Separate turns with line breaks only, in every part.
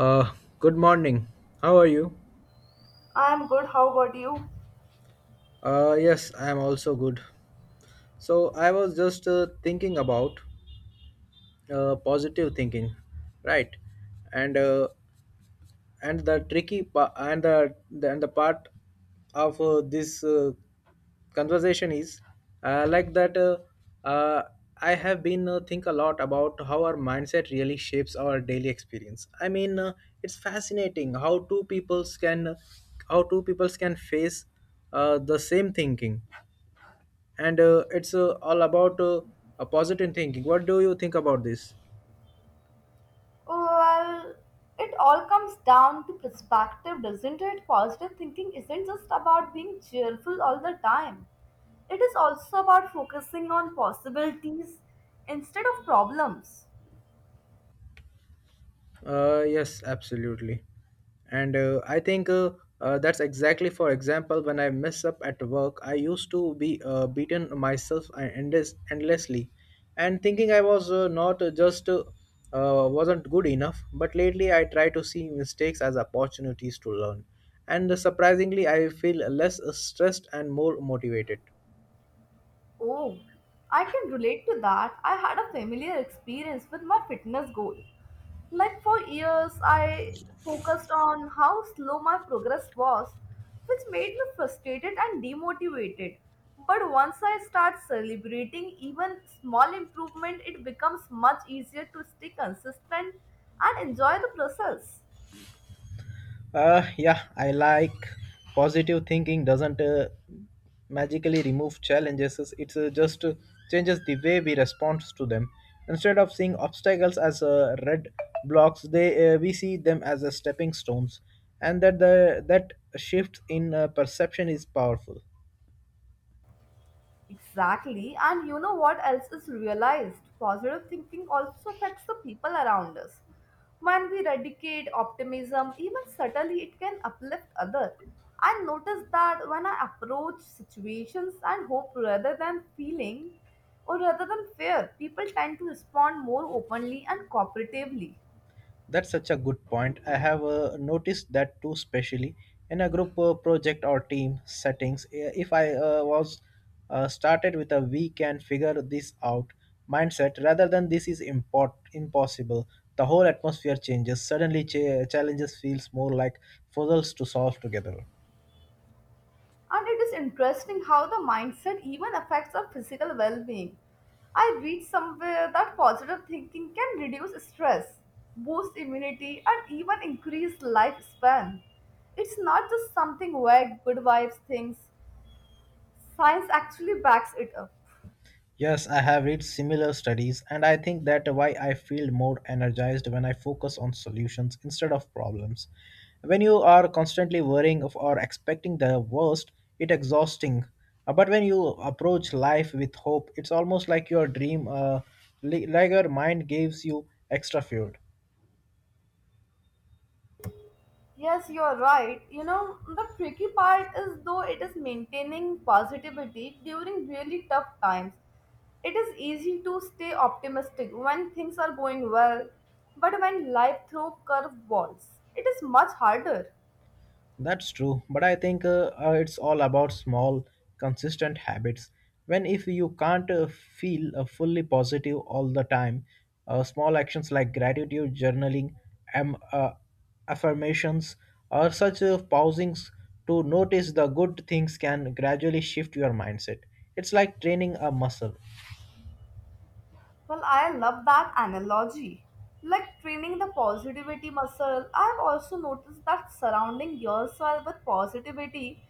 Uh, Good morning. How are you?
I'm good. How about you?
Yes, I am also good. So I was just thinking about positive thinking, right? And and the part of this conversation is like that uh, I have been think a lot about how our mindset really shapes our daily experience. I mean, it's fascinating how two peoples can face the same thinking. And it's all about a positive thinking. What do you think about this?
Well, it all comes down to perspective, doesn't it? Positive thinking isn't just about being cheerful all the time. It is also about focusing on possibilities instead of problems.
Yes, absolutely. And I think that's exactly, for example, when I mess up at work, I used to be beaten myself and endlessly and thinking I was not just wasn't good enough. But lately, I try to see mistakes as opportunities to learn. And surprisingly, I feel less stressed and more motivated.
Oh, I can relate to that. I had a familiar experience with my fitness goal. Like for years, I focused on how slow my progress was, which made me frustrated and demotivated. But once I start celebrating even small improvement, it becomes much easier to stay consistent and enjoy the process.
Yeah. I like Positive thinking doesn't magically remove challenges. It just changes the way we respond to them. Instead of seeing obstacles as red blocks, they we see them as stepping stones, and that shift in perception is powerful.
Exactly. And you know what else is realized? Positive thinking also affects the people around us. When we eradicate optimism, even subtly, it can uplift others. I notice that when I approach situations and hope rather than feeling or rather than fear, people tend to respond more openly and cooperatively.
That's such a good point. I have noticed that too, especially in a group project or team settings. If I was started with a "we can figure this out" mindset rather than "this is import impossible," the whole atmosphere changes. Suddenly, challenges feels more like puzzles to solve together.
And it is interesting how the mindset even affects our physical well being. I read somewhere that positive thinking can reduce stress, boost immunity, and even increase lifespan. It's not just something vague good vibes thinks. Science actually backs it up.
Yes, I have read similar studies, and I think that why I feel more energized when I focus on solutions instead of problems. When you are constantly worrying of or expecting the worst, it's exhausting. But when you approach life with hope, it's almost like your dream, like your mind gives you extra fuel.
Yes, you're right. You know, the tricky part is though it is maintaining positivity during really tough times. It is easy to stay optimistic when things are going well, but when life throws curveballs, it is much harder.
That's true, but I think it's all about small, consistent habits. When If you can't feel fully positive all the time, small actions like gratitude journaling, am affirmations, or such pausings to notice the good things can gradually shift your mindset. It's like training a muscle.
Well, I love that analogy. Like training the positivity muscle, I've also noticed that surrounding yourself with positivity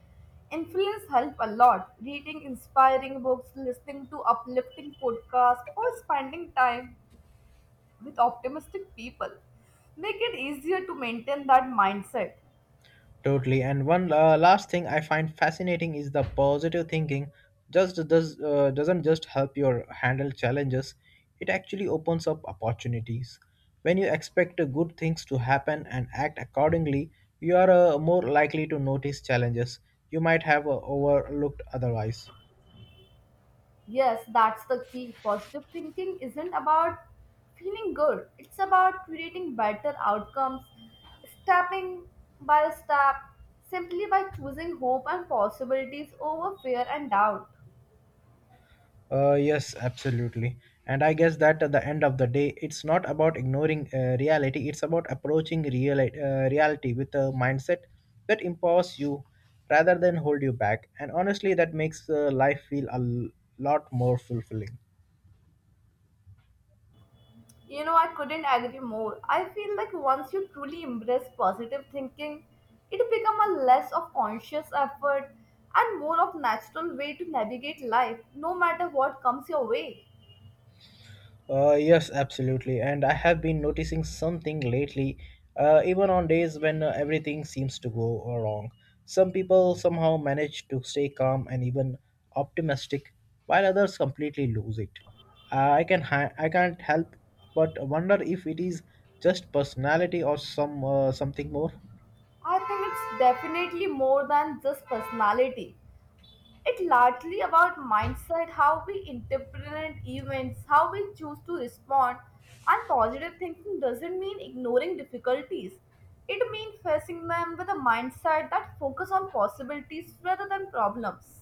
influence help a lot. Reading inspiring books, listening to uplifting podcasts, or spending time with optimistic people make it easier to maintain that mindset.
Totally. And one last thing I find fascinating is the positive thinking. Just does Doesn't just help your handle challenges. It actually opens up opportunities. When you expect good things to happen and act accordingly, you are more likely to notice challenges you might have overlooked otherwise.
Yes, that's the key. Positive thinking isn't about feeling good, it's about creating better outcomes, stepping by step, simply by choosing hope and possibilities over fear and doubt.
Yes, absolutely. And I guess that at the end of the day, it's not about ignoring reality. It's about approaching reality with a mindset that empowers you rather than hold you back. And honestly, that makes life feel a lot more fulfilling.
You know, I couldn't agree more. I feel like once you truly embrace positive thinking, it becomes a less of conscious effort and more of natural way to navigate life, no matter what comes your way.
Yes, absolutely. And I have been noticing something lately, even on days when everything seems to go wrong. Some people somehow manage to stay calm and even optimistic, while others completely lose it. I can't help but wonder if it is just personality or something more.
I think it's definitely more than just personality. It's largely about mindset, how we interpret events, how we choose to respond, and positive thinking doesn't mean ignoring difficulties. It means facing them with a mindset that focuses on possibilities rather than problems.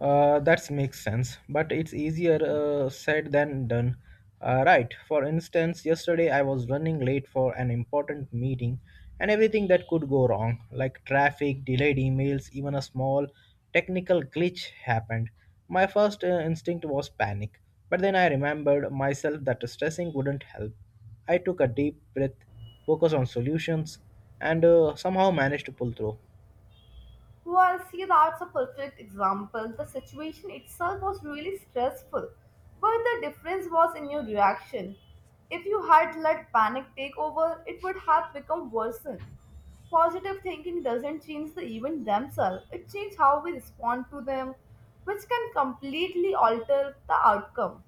That makes sense, but it's easier said than done. Right, for instance, yesterday I was running late for an important meeting, and everything that could go wrong, like traffic, delayed emails, even a small technical glitch, happened. My first instinct was panic, but then I remembered myself that stressing wouldn't help. I took a deep breath, focused on solutions, and somehow managed to pull through.
Well, see, that's a perfect example. The situation itself was really stressful, but the difference was in your reaction. If you had let panic take over, it would have become worsened. Positive thinking doesn't change the event themselves, it changes how we respond to them, which can completely alter the outcome.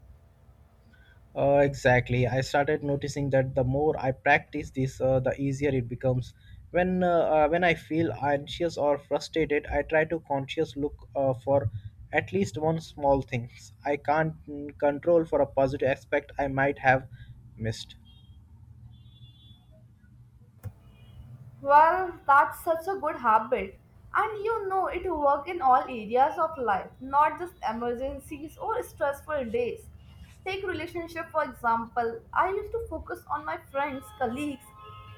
Exactly. I started noticing that the more I practice this, the easier it becomes. When I feel anxious or frustrated, I try to conscious look for at least one small things I can't control for a positive aspect I might have missed.
Well, that's such a good habit. And you know it work in all areas of life, not just emergencies or stressful days. Take relationship for example. I used to focus on my friends, colleagues,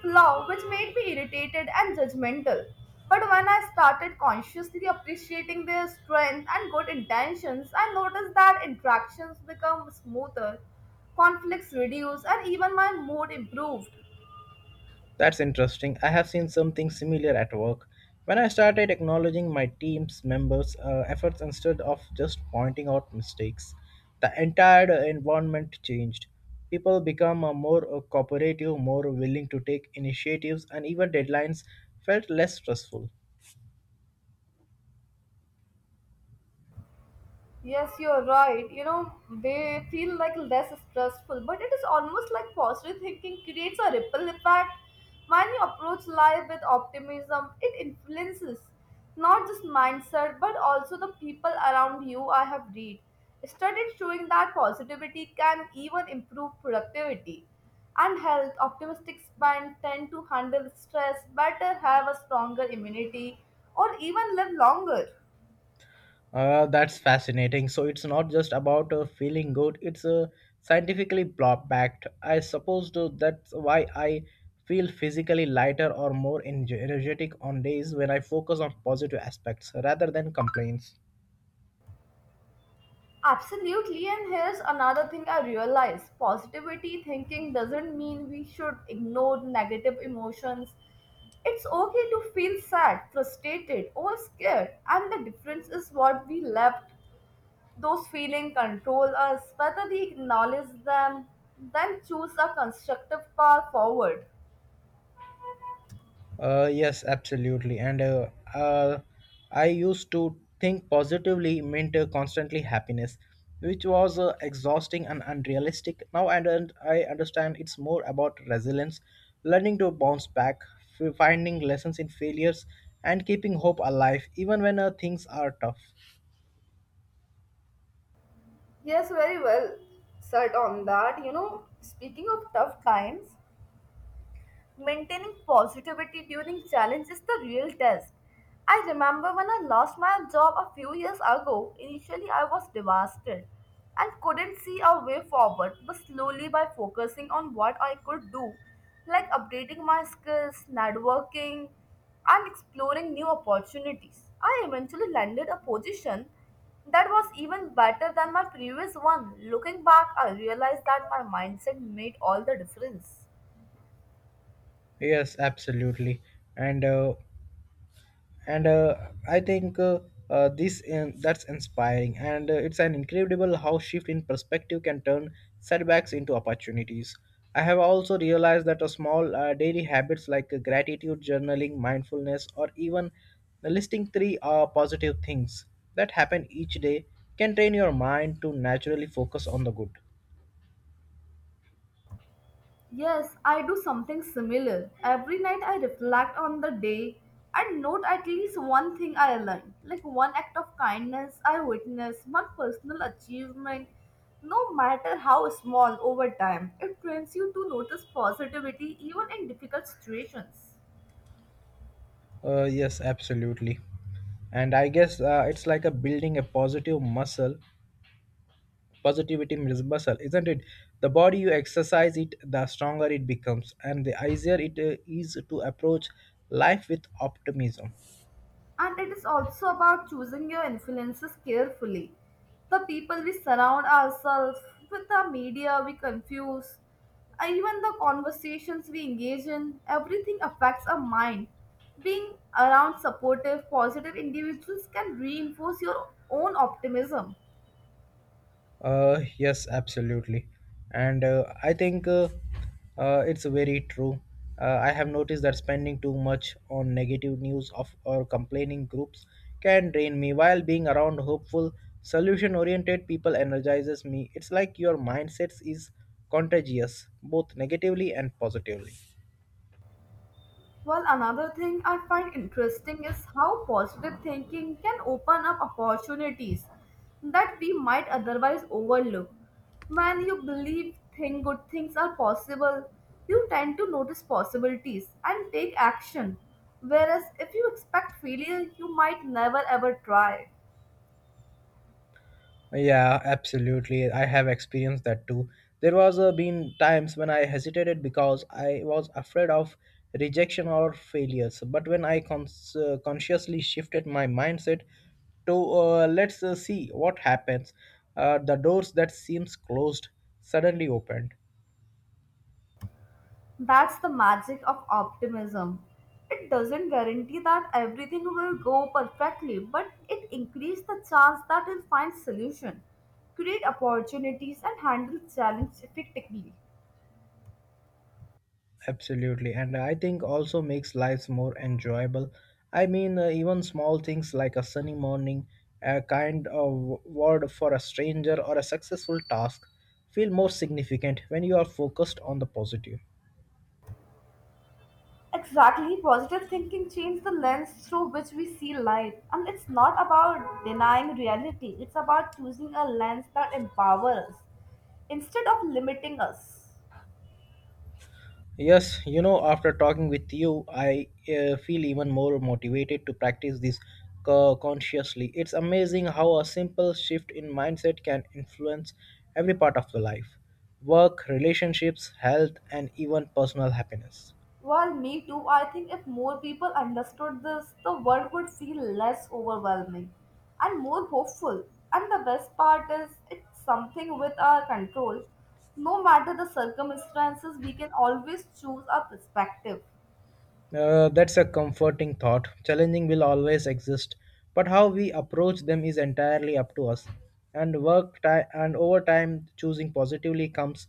flaw, which made me irritated and judgmental. But when I started consciously appreciating their strength and good intentions, I noticed that interactions become smoother, conflicts reduce, and even my mood improved.
That's interesting. I have seen something similar at work. When I started acknowledging my team's members' efforts instead of just pointing out mistakes, the entire environment changed. People become more cooperative, more willing to take initiatives, and even deadlines felt less stressful.
Yes, you're right. You know, they feel like less stressful, but it is almost like positive thinking creates a ripple effect. When you approach life with optimism, it influences not just mindset but also the people around you. I have read studies showing that positivity can even improve productivity and health. Optimistic spend tend to handle stress better, have a stronger immunity, or even live longer.
That's fascinating. So it's not just about feeling good; it's scientifically backed. I suppose though that's why I feel physically lighter or more energetic on days when I focus on positive aspects rather than complaints.
Absolutely, and here's another thing I realize positivity thinking doesn't mean we should ignore negative emotions. It's okay to feel sad, frustrated, or scared, and the difference is what we let those feelings control us, whether we acknowledge them, then choose a constructive path forward.
Yes, absolutely. And I used to think positively meant constantly happiness, which was exhausting and unrealistic. Now I, don't- I understand it's more about resilience, learning to bounce back, finding lessons in failures, and keeping hope alive even when things are tough.
Yes, very well said on that. You know, speaking of tough times, maintaining positivity during challenge is the real test. I remember when I lost my job a few years ago, initially I was devastated and couldn't see a way forward, but slowly by focusing on what I could do, like updating my skills, networking, and exploring new opportunities, I eventually landed a position that was even better than my previous one. Looking back, I realized that my mindset made all the difference.
Yes, absolutely. And uh, and I think that's inspiring, and it's an incredible how shift in perspective can turn setbacks into opportunities. I have also realized that a small daily habits like gratitude journaling, mindfulness, or even listing three positive things that happen each day can train your mind to naturally focus on the good.
Yes, I do something similar. Every night I reflect on the day and note at least one thing I learned, like one act of kindness I witnessed, one personal achievement. No matter how small over time, it trains you to notice positivity even in difficult situations.
Yes, absolutely. And I guess it's like a building a positive muscle. Positivity is muscle, isn't it? The body you exercise it, the stronger it becomes, and the easier it is to approach life with optimism.
And it is also about choosing your influences carefully. The people we surround ourselves with, the media we confuse, even the conversations we engage in, everything affects our mind. Being around supportive, positive individuals can reinforce your own optimism.
Yes, absolutely. And I think it's very true. I have noticed that spending too much on negative news of or complaining groups can drain me, while being around hopeful, solution oriented people energizes me. It's like your mindset is contagious, both negatively and positively.
Well, another thing I find interesting is how positive thinking can open up opportunities that we might otherwise overlook. When you believe think good things are possible, you tend to notice possibilities and take action. Whereas if you expect failure, you might never ever try.
Yeah, absolutely. I have experienced that too. There was been times when I hesitated because I was afraid of rejection or failures. But when I consciously shifted my mindset to let's see what happens, the doors that seems closed suddenly opened.
That's the magic of optimism. It doesn't guarantee that everything will go perfectly, but it increases the chance that we'll find solution, create opportunities, and handle challenge effectively.
Absolutely, and I think also makes lives more enjoyable. I mean, even small things like a sunny morning, a kind of word for a stranger, or a successful task feel more significant when you are focused on the positive.
Exactly, positive thinking changes the lens through which we see life, and it's not about denying reality. It's about choosing a lens that empowers us instead of limiting us.
Yes, you know, after talking with you, I feel even more motivated to practice this consciously. It's amazing how a simple shift in mindset can influence every part of the life, work, relationships, health, and even personal happiness.
Well, me too. I think if more people understood this, the world would feel less overwhelming and more hopeful. And the best part is, it's something with our control. No matter the circumstances, we can always choose our perspective.
That's a comforting thought. Challenging will always exist, but how we approach them is entirely up to us. And work time and over time, choosing positively comes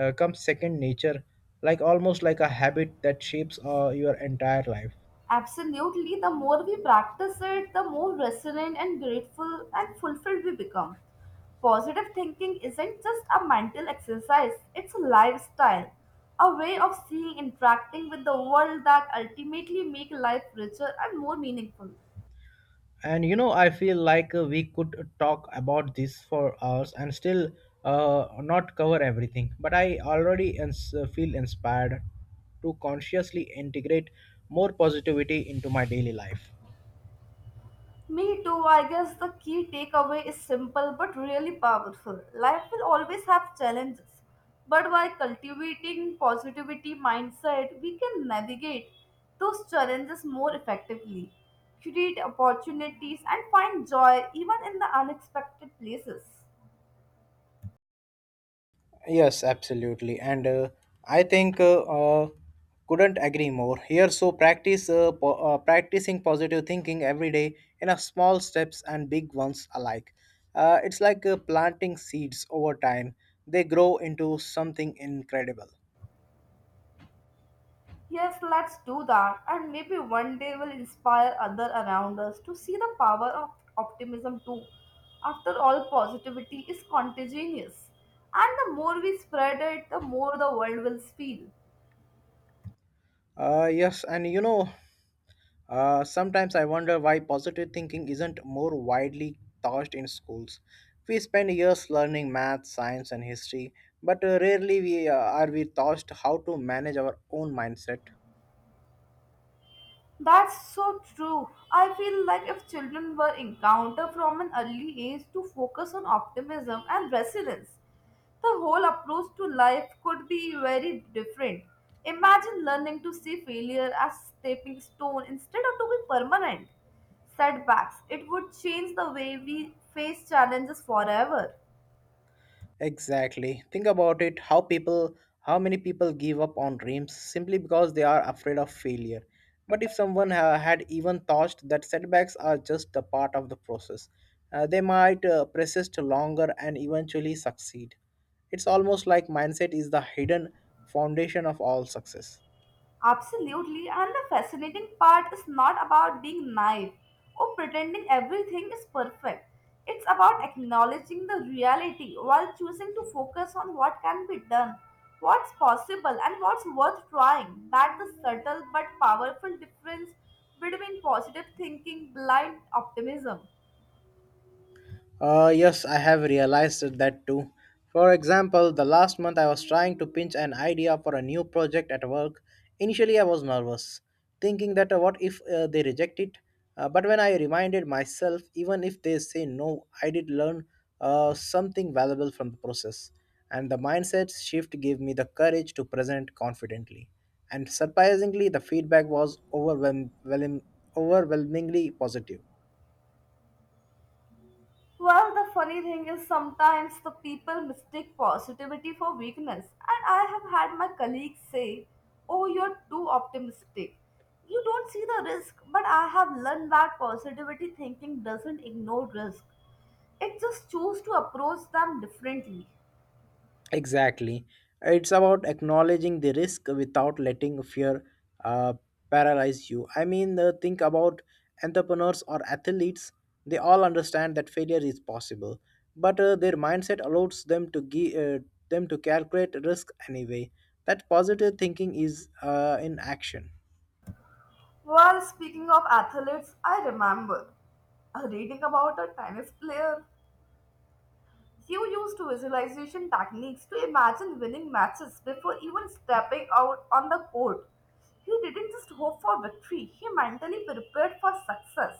uh, comes second nature, like almost like a habit that shapes your entire life.
Absolutely, the more we practice it, the more resilient and grateful and fulfilled we become. Positive thinking isn't just a mental exercise, it's a lifestyle, a way of seeing, interacting with the world that ultimately make life richer and more meaningful.
And you know, I feel like we could talk about this for hours and still not cover everything. But I already feel inspired to consciously integrate more positivity into my daily life.
Me too, I guess the key takeaway is simple but really powerful. Life will always have challenges, but by cultivating positivity mindset, we can navigate those challenges more effectively, create opportunities, and find joy even in the unexpected places.
Yes, absolutely. And I think couldn't agree more. Here, so practicing positive thinking every day in a small steps and big ones alike. It's like planting seeds over time. They grow into something incredible.
Yes, let's do that, and maybe one day will inspire other around us to see the power of optimism too. After all, positivity is contagious, and the more we spread it, the more the world will feel.
Yes, and you know, sometimes I wonder why positive thinking isn't more widely taught in schools. We spend years learning math, science, and history, but rarely we are we taught how to manage our own mindset.
That's so true. I feel like if children were encountered from an early age to focus on optimism and resilience, the whole approach to life could be very different. Imagine learning to see failure as stepping stone instead of to be permanent setbacks. It would change the way we face challenges forever.
Exactly. Think about it, how many people give up on dreams simply because they are afraid of failure. But if someone had even thought that setbacks are just a part of the process, they might persist longer and eventually succeed. It's almost like mindset is the hidden foundation of all success.
Absolutely, and the fascinating part is not about being naive or pretending everything is perfect. It's about acknowledging the reality while choosing to focus on what can be done, what's possible, and what's worth trying. That's the subtle but powerful difference between positive thinking, blind optimism.
Yes, I have realized that too. For example, the last month I was trying to pinch an idea for a new project at work. Initially, I was nervous, thinking that what if they reject it? But when I reminded myself, even if they say no, I did learn something valuable from the process. And the mindset shift gave me the courage to present confidently. And surprisingly, the feedback was overwhelmingly positive.
Well, the funny thing is sometimes the people mistake positivity for weakness. And I have had my colleagues say, "Oh, you're too optimistic. You don't see the risk." But I have learned that positivity thinking doesn't ignore risk, it just chooses to approach them differently.
Exactly. It's about acknowledging the risk without letting fear uh, paralyze you. I mean, think about entrepreneurs or athletes. They all understand that failure is possible, but their mindset allows them to calculate risk anyway. That positive thinking is in action.
Well, speaking of athletes, I remember reading about a tennis player. You used visualization techniques to imagine winning matches before even stepping out on the court. He didn't just hope for victory, he mentally prepared for success.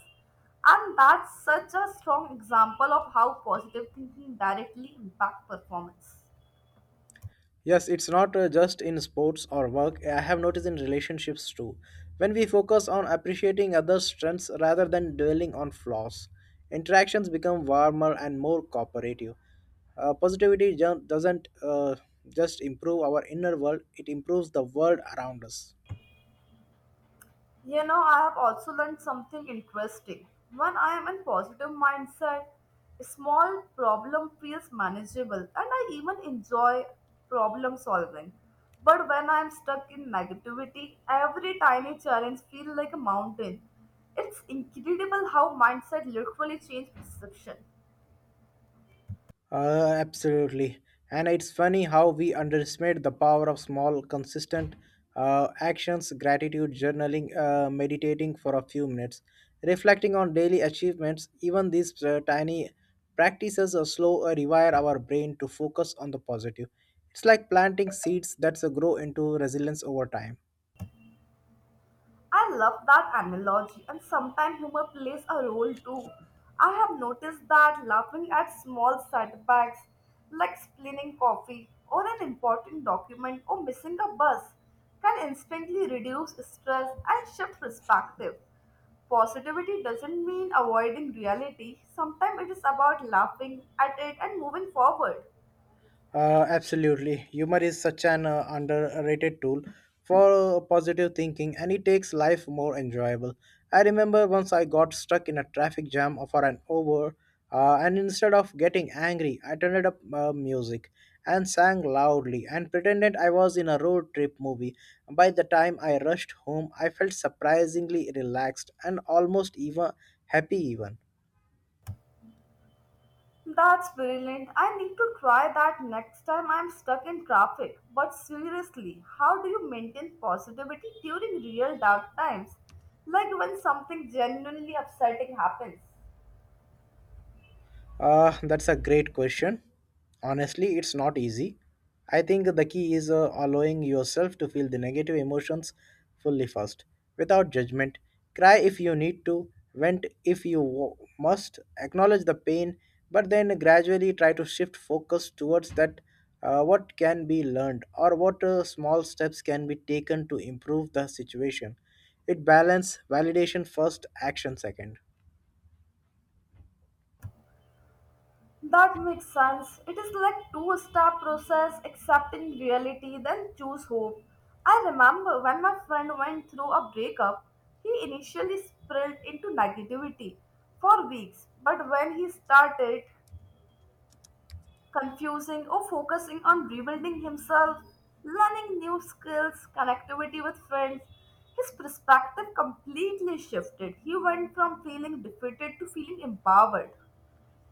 And that's such a strong example of how positive thinking directly impacts performance.
Yes, it's not just in sports or work. I have noticed in relationships too. When we focus on appreciating others' strengths rather than dwelling on flaws, interactions become warmer and more cooperative. Positivity doesn't just improve our inner world, it improves the world around us.
You know, I have also learned something interesting. When I am in positive mindset, a small problem feels manageable and I even enjoy problem solving. But when I am stuck in negativity, every tiny challenge feels like a mountain. It's incredible how mindset literally changes perception.
Absolutely. And it's funny how we underestimate the power of small, consistent actions, gratitude, journaling, meditating for a few minutes, reflecting on daily achievements. Even these tiny practices are slow rewire our brain to focus on the positive. It's like planting seeds that grow into resilience over time.
I love that analogy, and sometimes humor plays a role too. I have noticed that laughing at small setbacks, like spilling coffee or an important document or missing a bus, can instantly reduce stress and shift perspective. Positivity doesn't mean avoiding reality, sometimes it is about laughing at it and moving forward.
Absolutely. Humor is such an underrated tool for positive thinking and it takes life more enjoyable. I remember once I got stuck in a traffic jam for an hour, and instead of getting angry, I turned up music and sang loudly and pretended I was in a road trip movie. By the time I rushed home, I felt surprisingly relaxed and almost even happy even.
That's brilliant. I need to try that next time I'm stuck in traffic. But seriously, how do you maintain positivity during real dark times? Like when something genuinely upsetting happens.
That's a great question. Honestly, it's not easy. I think the key is allowing yourself to feel the negative emotions fully first, without judgment. Cry if you need to, vent if you must, acknowledge the pain, but then gradually try to shift focus towards that what can be learned or what small steps can be taken to improve the situation. It balance validation first, action second.
That makes sense. It is like two-step process, accepting reality, then choose hope. I remember when my friend went through a breakup, he initially spiraled into negativity for weeks, but when he started confusing or focusing on rebuilding himself, learning new skills, connectivity with friends. His perspective completely shifted. He went from feeling defeated to feeling empowered.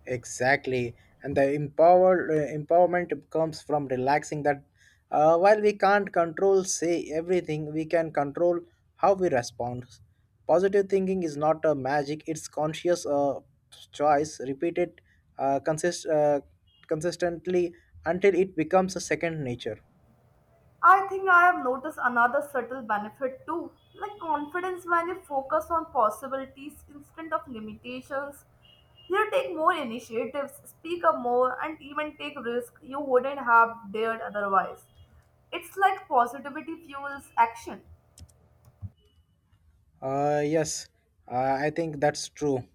Exactly, and the empowerment comes from relaxing that. While we can't control say everything, we can control how we respond. Positive thinking is not a magic; it's conscious choice, repeated uh, consist uh, consistently until it becomes a second nature.
I think I have noticed another subtle benefit too, like confidence when you focus on possibilities instead of limitations. You take more initiatives, speak up more, and even take risks you wouldn't have dared otherwise. It's like positivity fuels action.
Yes, I think that's true.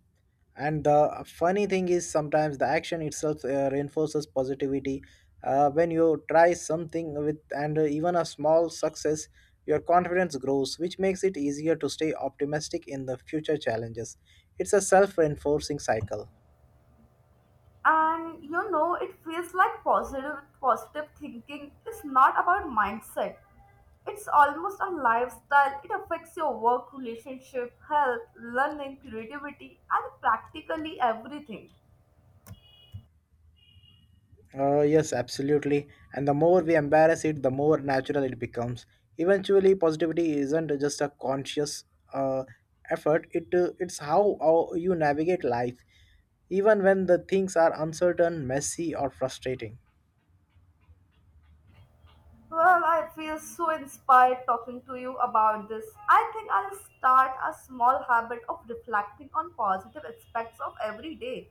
And the funny thing is, sometimes the action itself reinforces positivity. When you try something with and even a small success, your confidence grows, which makes it easier to stay optimistic in the future challenges. It's a self reinforcing cycle.
And you know, it feels like positive thinking is not about mindset. It's almost a lifestyle. It affects your work, relationship, health, learning, creativity, and practically everything.
Yes, absolutely. And the more we embarrass it, the more natural it becomes. Eventually, positivity isn't just a conscious uh, effort. It, it's how you navigate life, even when the things are uncertain, messy, or frustrating.
Well, I feel so inspired talking to you about this. I think I'll start a small habit of reflecting on positive aspects of every day.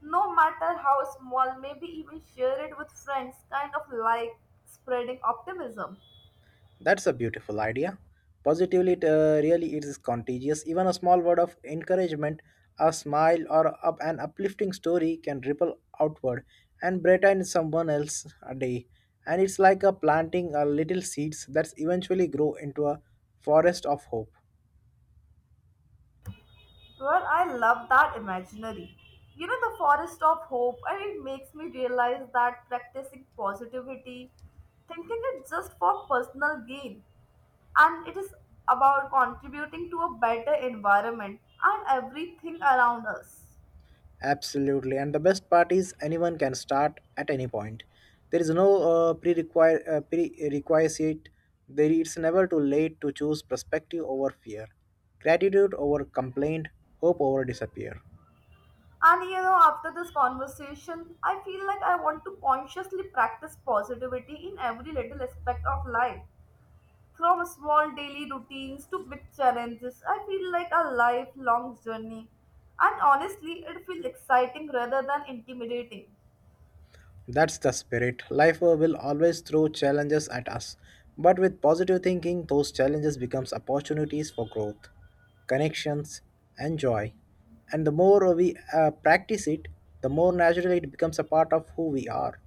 No matter how small, maybe even share it with friends, kind of like spreading optimism.
That's a beautiful idea. Positively, it really is contagious. Even a small word of encouragement, a smile, or up an uplifting story can ripple outward and brighten someone else's day. And it's like a planting a little seeds that eventually grow into a forest of hope.
Well, I love that imaginary. You know, the forest of hope, and it makes me realize that practicing positivity, thinking it just for personal gain, and it is about contributing to a better environment and everything around us.
Absolutely. And the best part is anyone can start at any point. There is no prerequisite. There it's never too late to choose perspective over fear, gratitude over complaint, hope over disappear.
And you know, after this conversation, I feel like I want to consciously practice positivity in every little aspect of life. From small daily routines to big challenges, I feel like a lifelong journey. And honestly, it feels exciting rather than intimidating.
That's the spirit. Life will always throw challenges at us, but with positive thinking, those challenges becomes opportunities for growth, connections, and joy. And the more we practice it, the more naturally it becomes a part of who we are.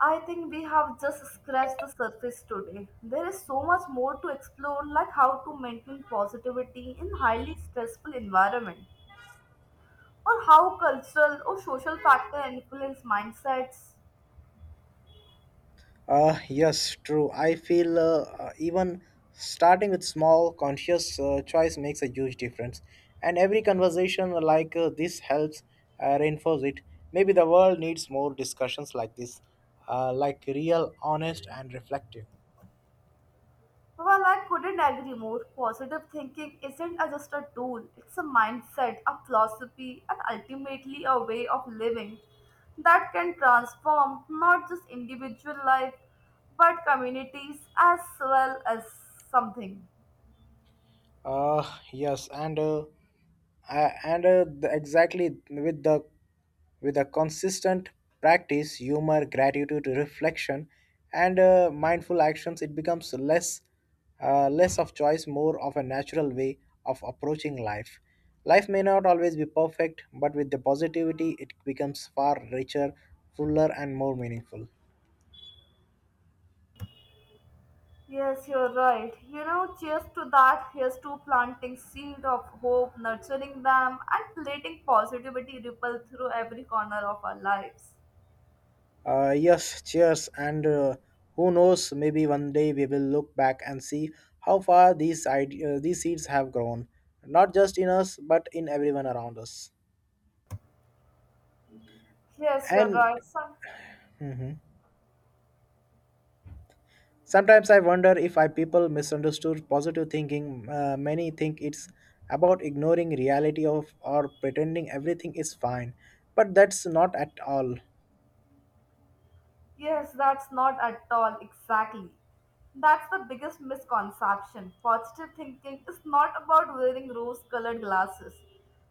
I think we have just scratched the surface today. There is so much more to explore, like how to maintain positivity in highly stressful environment, or how cultural or social factor influence mindsets.
Yes, true. I feel even starting with small conscious choice makes a huge difference. And every conversation like this helps reinforce it. Maybe the world needs more discussions like this, like real, honest, and reflective.
Well, I couldn't agree more. Positive thinking isn't just a tool, it's a mindset, a philosophy, and ultimately a way of living that can transform not just individual life but communities as well as something.
Uh, yes, and exactly with a consistent practice, humor, gratitude, reflection, and mindful actions, it becomes less of choice, more of a natural way of approaching life. Life may not always be perfect, but with the positivity, it becomes far richer, fuller, and more meaningful.
Yes, you're right. You know, cheers to that. Here's to planting seed of hope, nurturing them, and letting positivity ripple through every corner of our lives.
Yes, cheers. And who knows, maybe one day we will look back and see how far these seeds have grown, not just in us, but in everyone around us.
Yes, you're
And
right. Some.
mhm, sometimes I wonder if I people misunderstood positive thinking. Many think it's about ignoring reality of or pretending everything is fine, but that's not at all.
Yes, that's not at all exactly. That's the biggest misconception. Positive thinking is not about wearing rose colored glasses,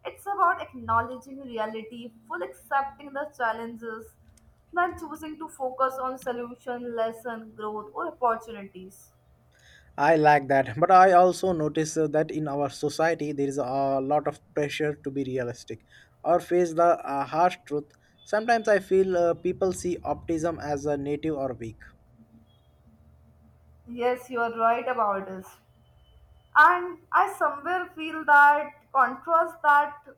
it's about acknowledging reality, full accepting the challenges, then choosing to focus on solution, lesson, growth, or opportunities.
I like that, but I also notice that in our society there is a lot of pressure to be realistic or face the harsh truth. Sometimes I feel people see optimism as a native or weak.
Yes, you are right about this. And I somewhere feel that contrast that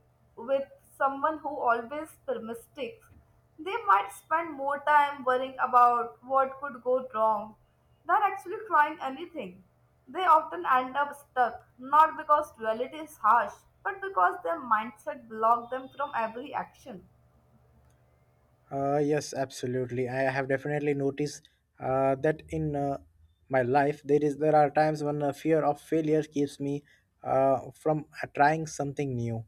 with someone who always mistakes, they might spend more time worrying about what could go wrong than actually trying anything. They often end up stuck, not because reality is harsh, but because their mindset blocks them from every action.
Yes, absolutely. I have definitely noticed that in my life there is there are times when a fear of failure keeps me from trying something new,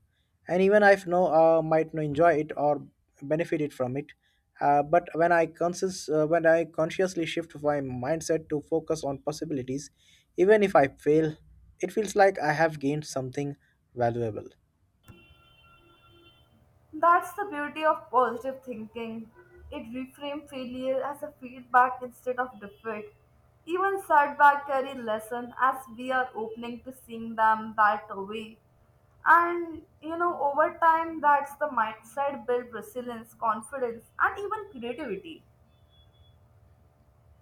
and even I know might not enjoy it or benefit it from it. But when I conscious when I consciously shift my mindset to focus on possibilities, even if I fail, it feels like I have gained something valuable.
That's the beauty of positive thinking. It reframes failure as a feedback instead of defeat. Even setback carry lesson as we are opening to seeing them that way. And you know, over time, that's the mindset build resilience, confidence, and even creativity.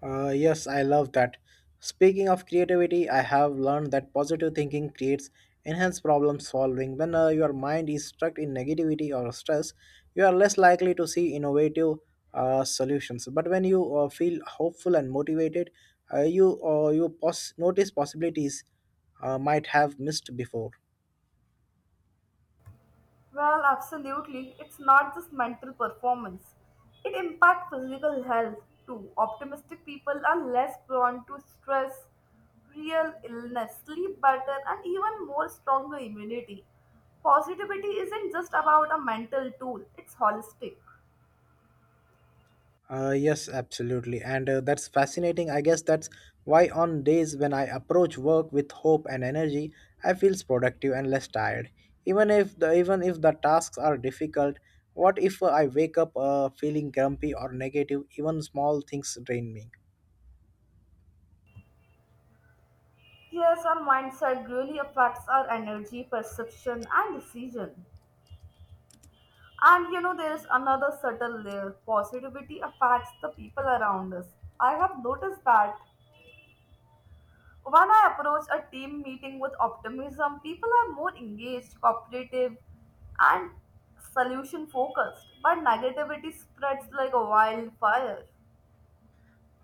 Yes, I love that. Speaking of creativity, I have learned that positive thinking creates enhanced problem solving. When your mind is stuck in negativity or stress, you are less likely to see innovative solutions. But when you feel hopeful and motivated, you notice possibilities might have missed before.
Well, absolutely. It's not just mental performance. It impacts physical health too. Optimistic people are less prone to stress, real illness, sleep better, and even more stronger immunity. Positivity isn't just about a mental tool, it's holistic.
Yes, absolutely. And that's fascinating. I guess that's why, on days when I approach work with hope and energy, I feel productive and less tired. Even if the tasks are difficult, what if I wake up feeling grumpy or negative? Even small things drain me.
Yes, our mindset really affects our energy, perception, and decision. And you know, there's another subtle layer. Positivity affects the people around us. I have noticed that when I approach a team meeting with optimism, people are more engaged, cooperative, and solution focused. But negativity spreads like a wildfire.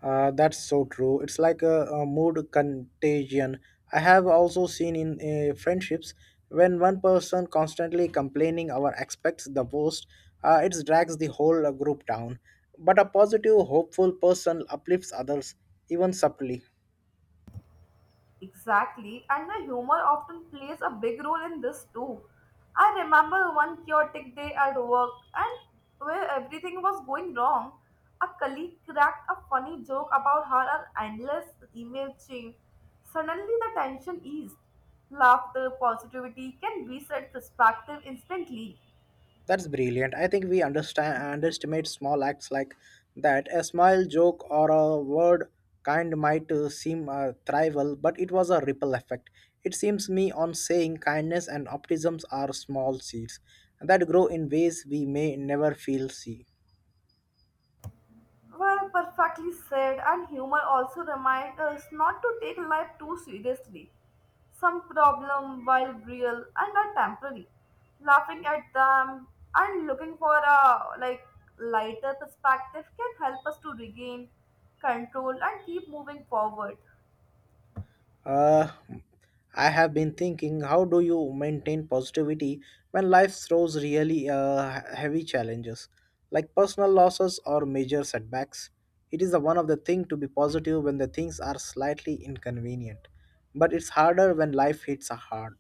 That's so true. It's like a mood contagion. I have also seen in friendships when one person constantly complaining or expects the worst, it drags the whole group down. But a positive, hopeful person uplifts others, even subtly.
Exactly, and the humor often plays a big role in this too. I remember one chaotic day at work, and where everything was going wrong. A colleague cracked a funny joke about her endless email chain. Suddenly, the tension eased. Laughter, positivity can reset perspective instantly.
That's brilliant. I think we understand underestimate small acts like that. A smile, joke, or a word kind might seem trivial, but it was a ripple effect. It seems me on saying kindness and optimism are small seeds that grow in ways we may never feel see.
Well, perfectly said, and humor also reminds us not to take life too seriously. Some problems, while real and are temporary, laughing at them and looking for a like lighter perspective can help us to regain control and keep moving forward.
Uh, I have been thinking, how do you maintain positivity when life throws really heavy challenges, like personal losses or major setbacks? It is the one of the thing to be positive when the things are slightly inconvenient, but it's harder when life hits hard.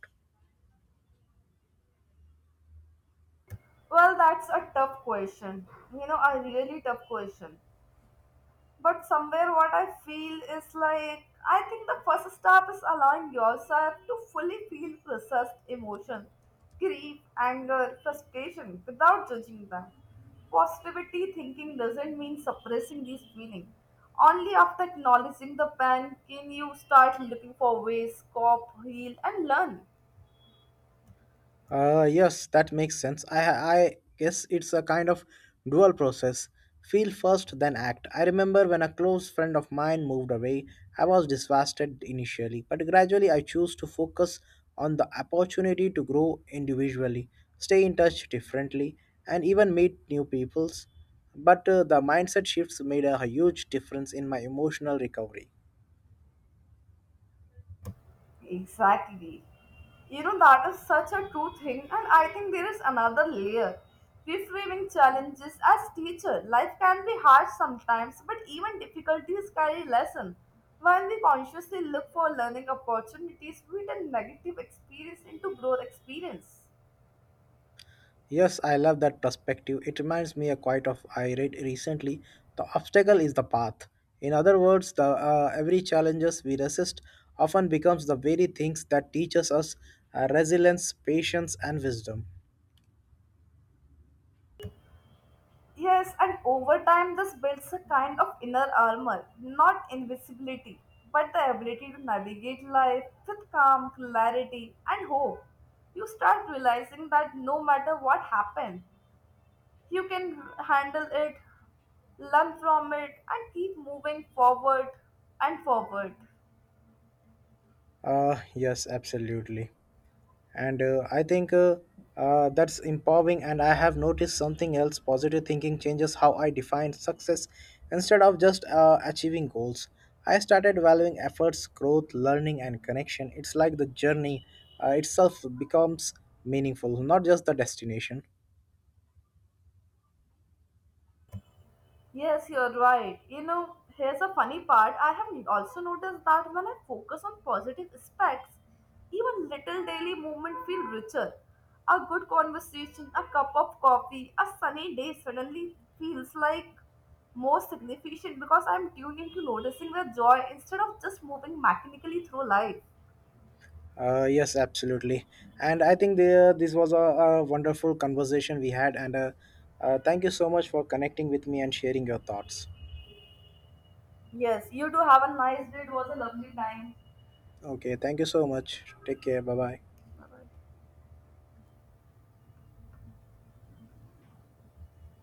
Well, that's a tough question. You know, a really tough question. But somewhere, what I feel is like I think the first step is allowing yourself to fully feel processed emotion, grief, anger, frustration without judging them. Positivity thinking doesn't mean suppressing these feelings. Only after acknowledging the pain can you start looking for ways, cope, heal, and learn.
Yes, that makes sense. I guess it's a kind of dual process. Feel first, then act. I remember when a close friend of mine moved away, I was devastated initially, but gradually I chose to focus on the opportunity to grow individually, stay in touch differently, and even meet new peoples. But the mindset shifts made a huge difference in my emotional recovery.
Exactly. You know, that is such a true thing, and I think there is another layer. Reframing challenges as teacher. Life can be hard sometimes, but even difficulties carry lesson. When we consciously look for learning opportunities, we turn negative experience into growth experience.
Yes, I love that perspective. It reminds me a quote of I read recently: "The obstacle is the path." In other words, the every challenges we resist often becomes the very things that teaches us resilience, patience, and wisdom.
Yes, and over time, this builds a kind of inner armor, not invisibility, but the ability to navigate life with calm, clarity, and hope. You start realizing that no matter what happens, you can handle it, learn from it, and keep moving forward and forward.
Uh, yes, absolutely. And I think that's empowering, and I have noticed something else. Positive thinking changes how I define success. Instead of just achieving goals, I started valuing efforts, growth, learning, and connection. It's like the journey itself becomes meaningful, not just the destination.
Yes, you're right. You know, here's a funny part. I have also noticed that when I focus on positive aspects, even little daily movement feel richer. A good conversation, a cup of coffee, a sunny day suddenly feels like more significant because I'm tuned into noticing the joy instead of just moving mechanically through life.
Yes, absolutely, and I think this was a wonderful conversation we had, and thank you so much for connecting with me and sharing your thoughts.
Yes, you do have a nice day. It was a lovely time.
Okay, thank you so much. Take care. Bye bye.
Bye-bye.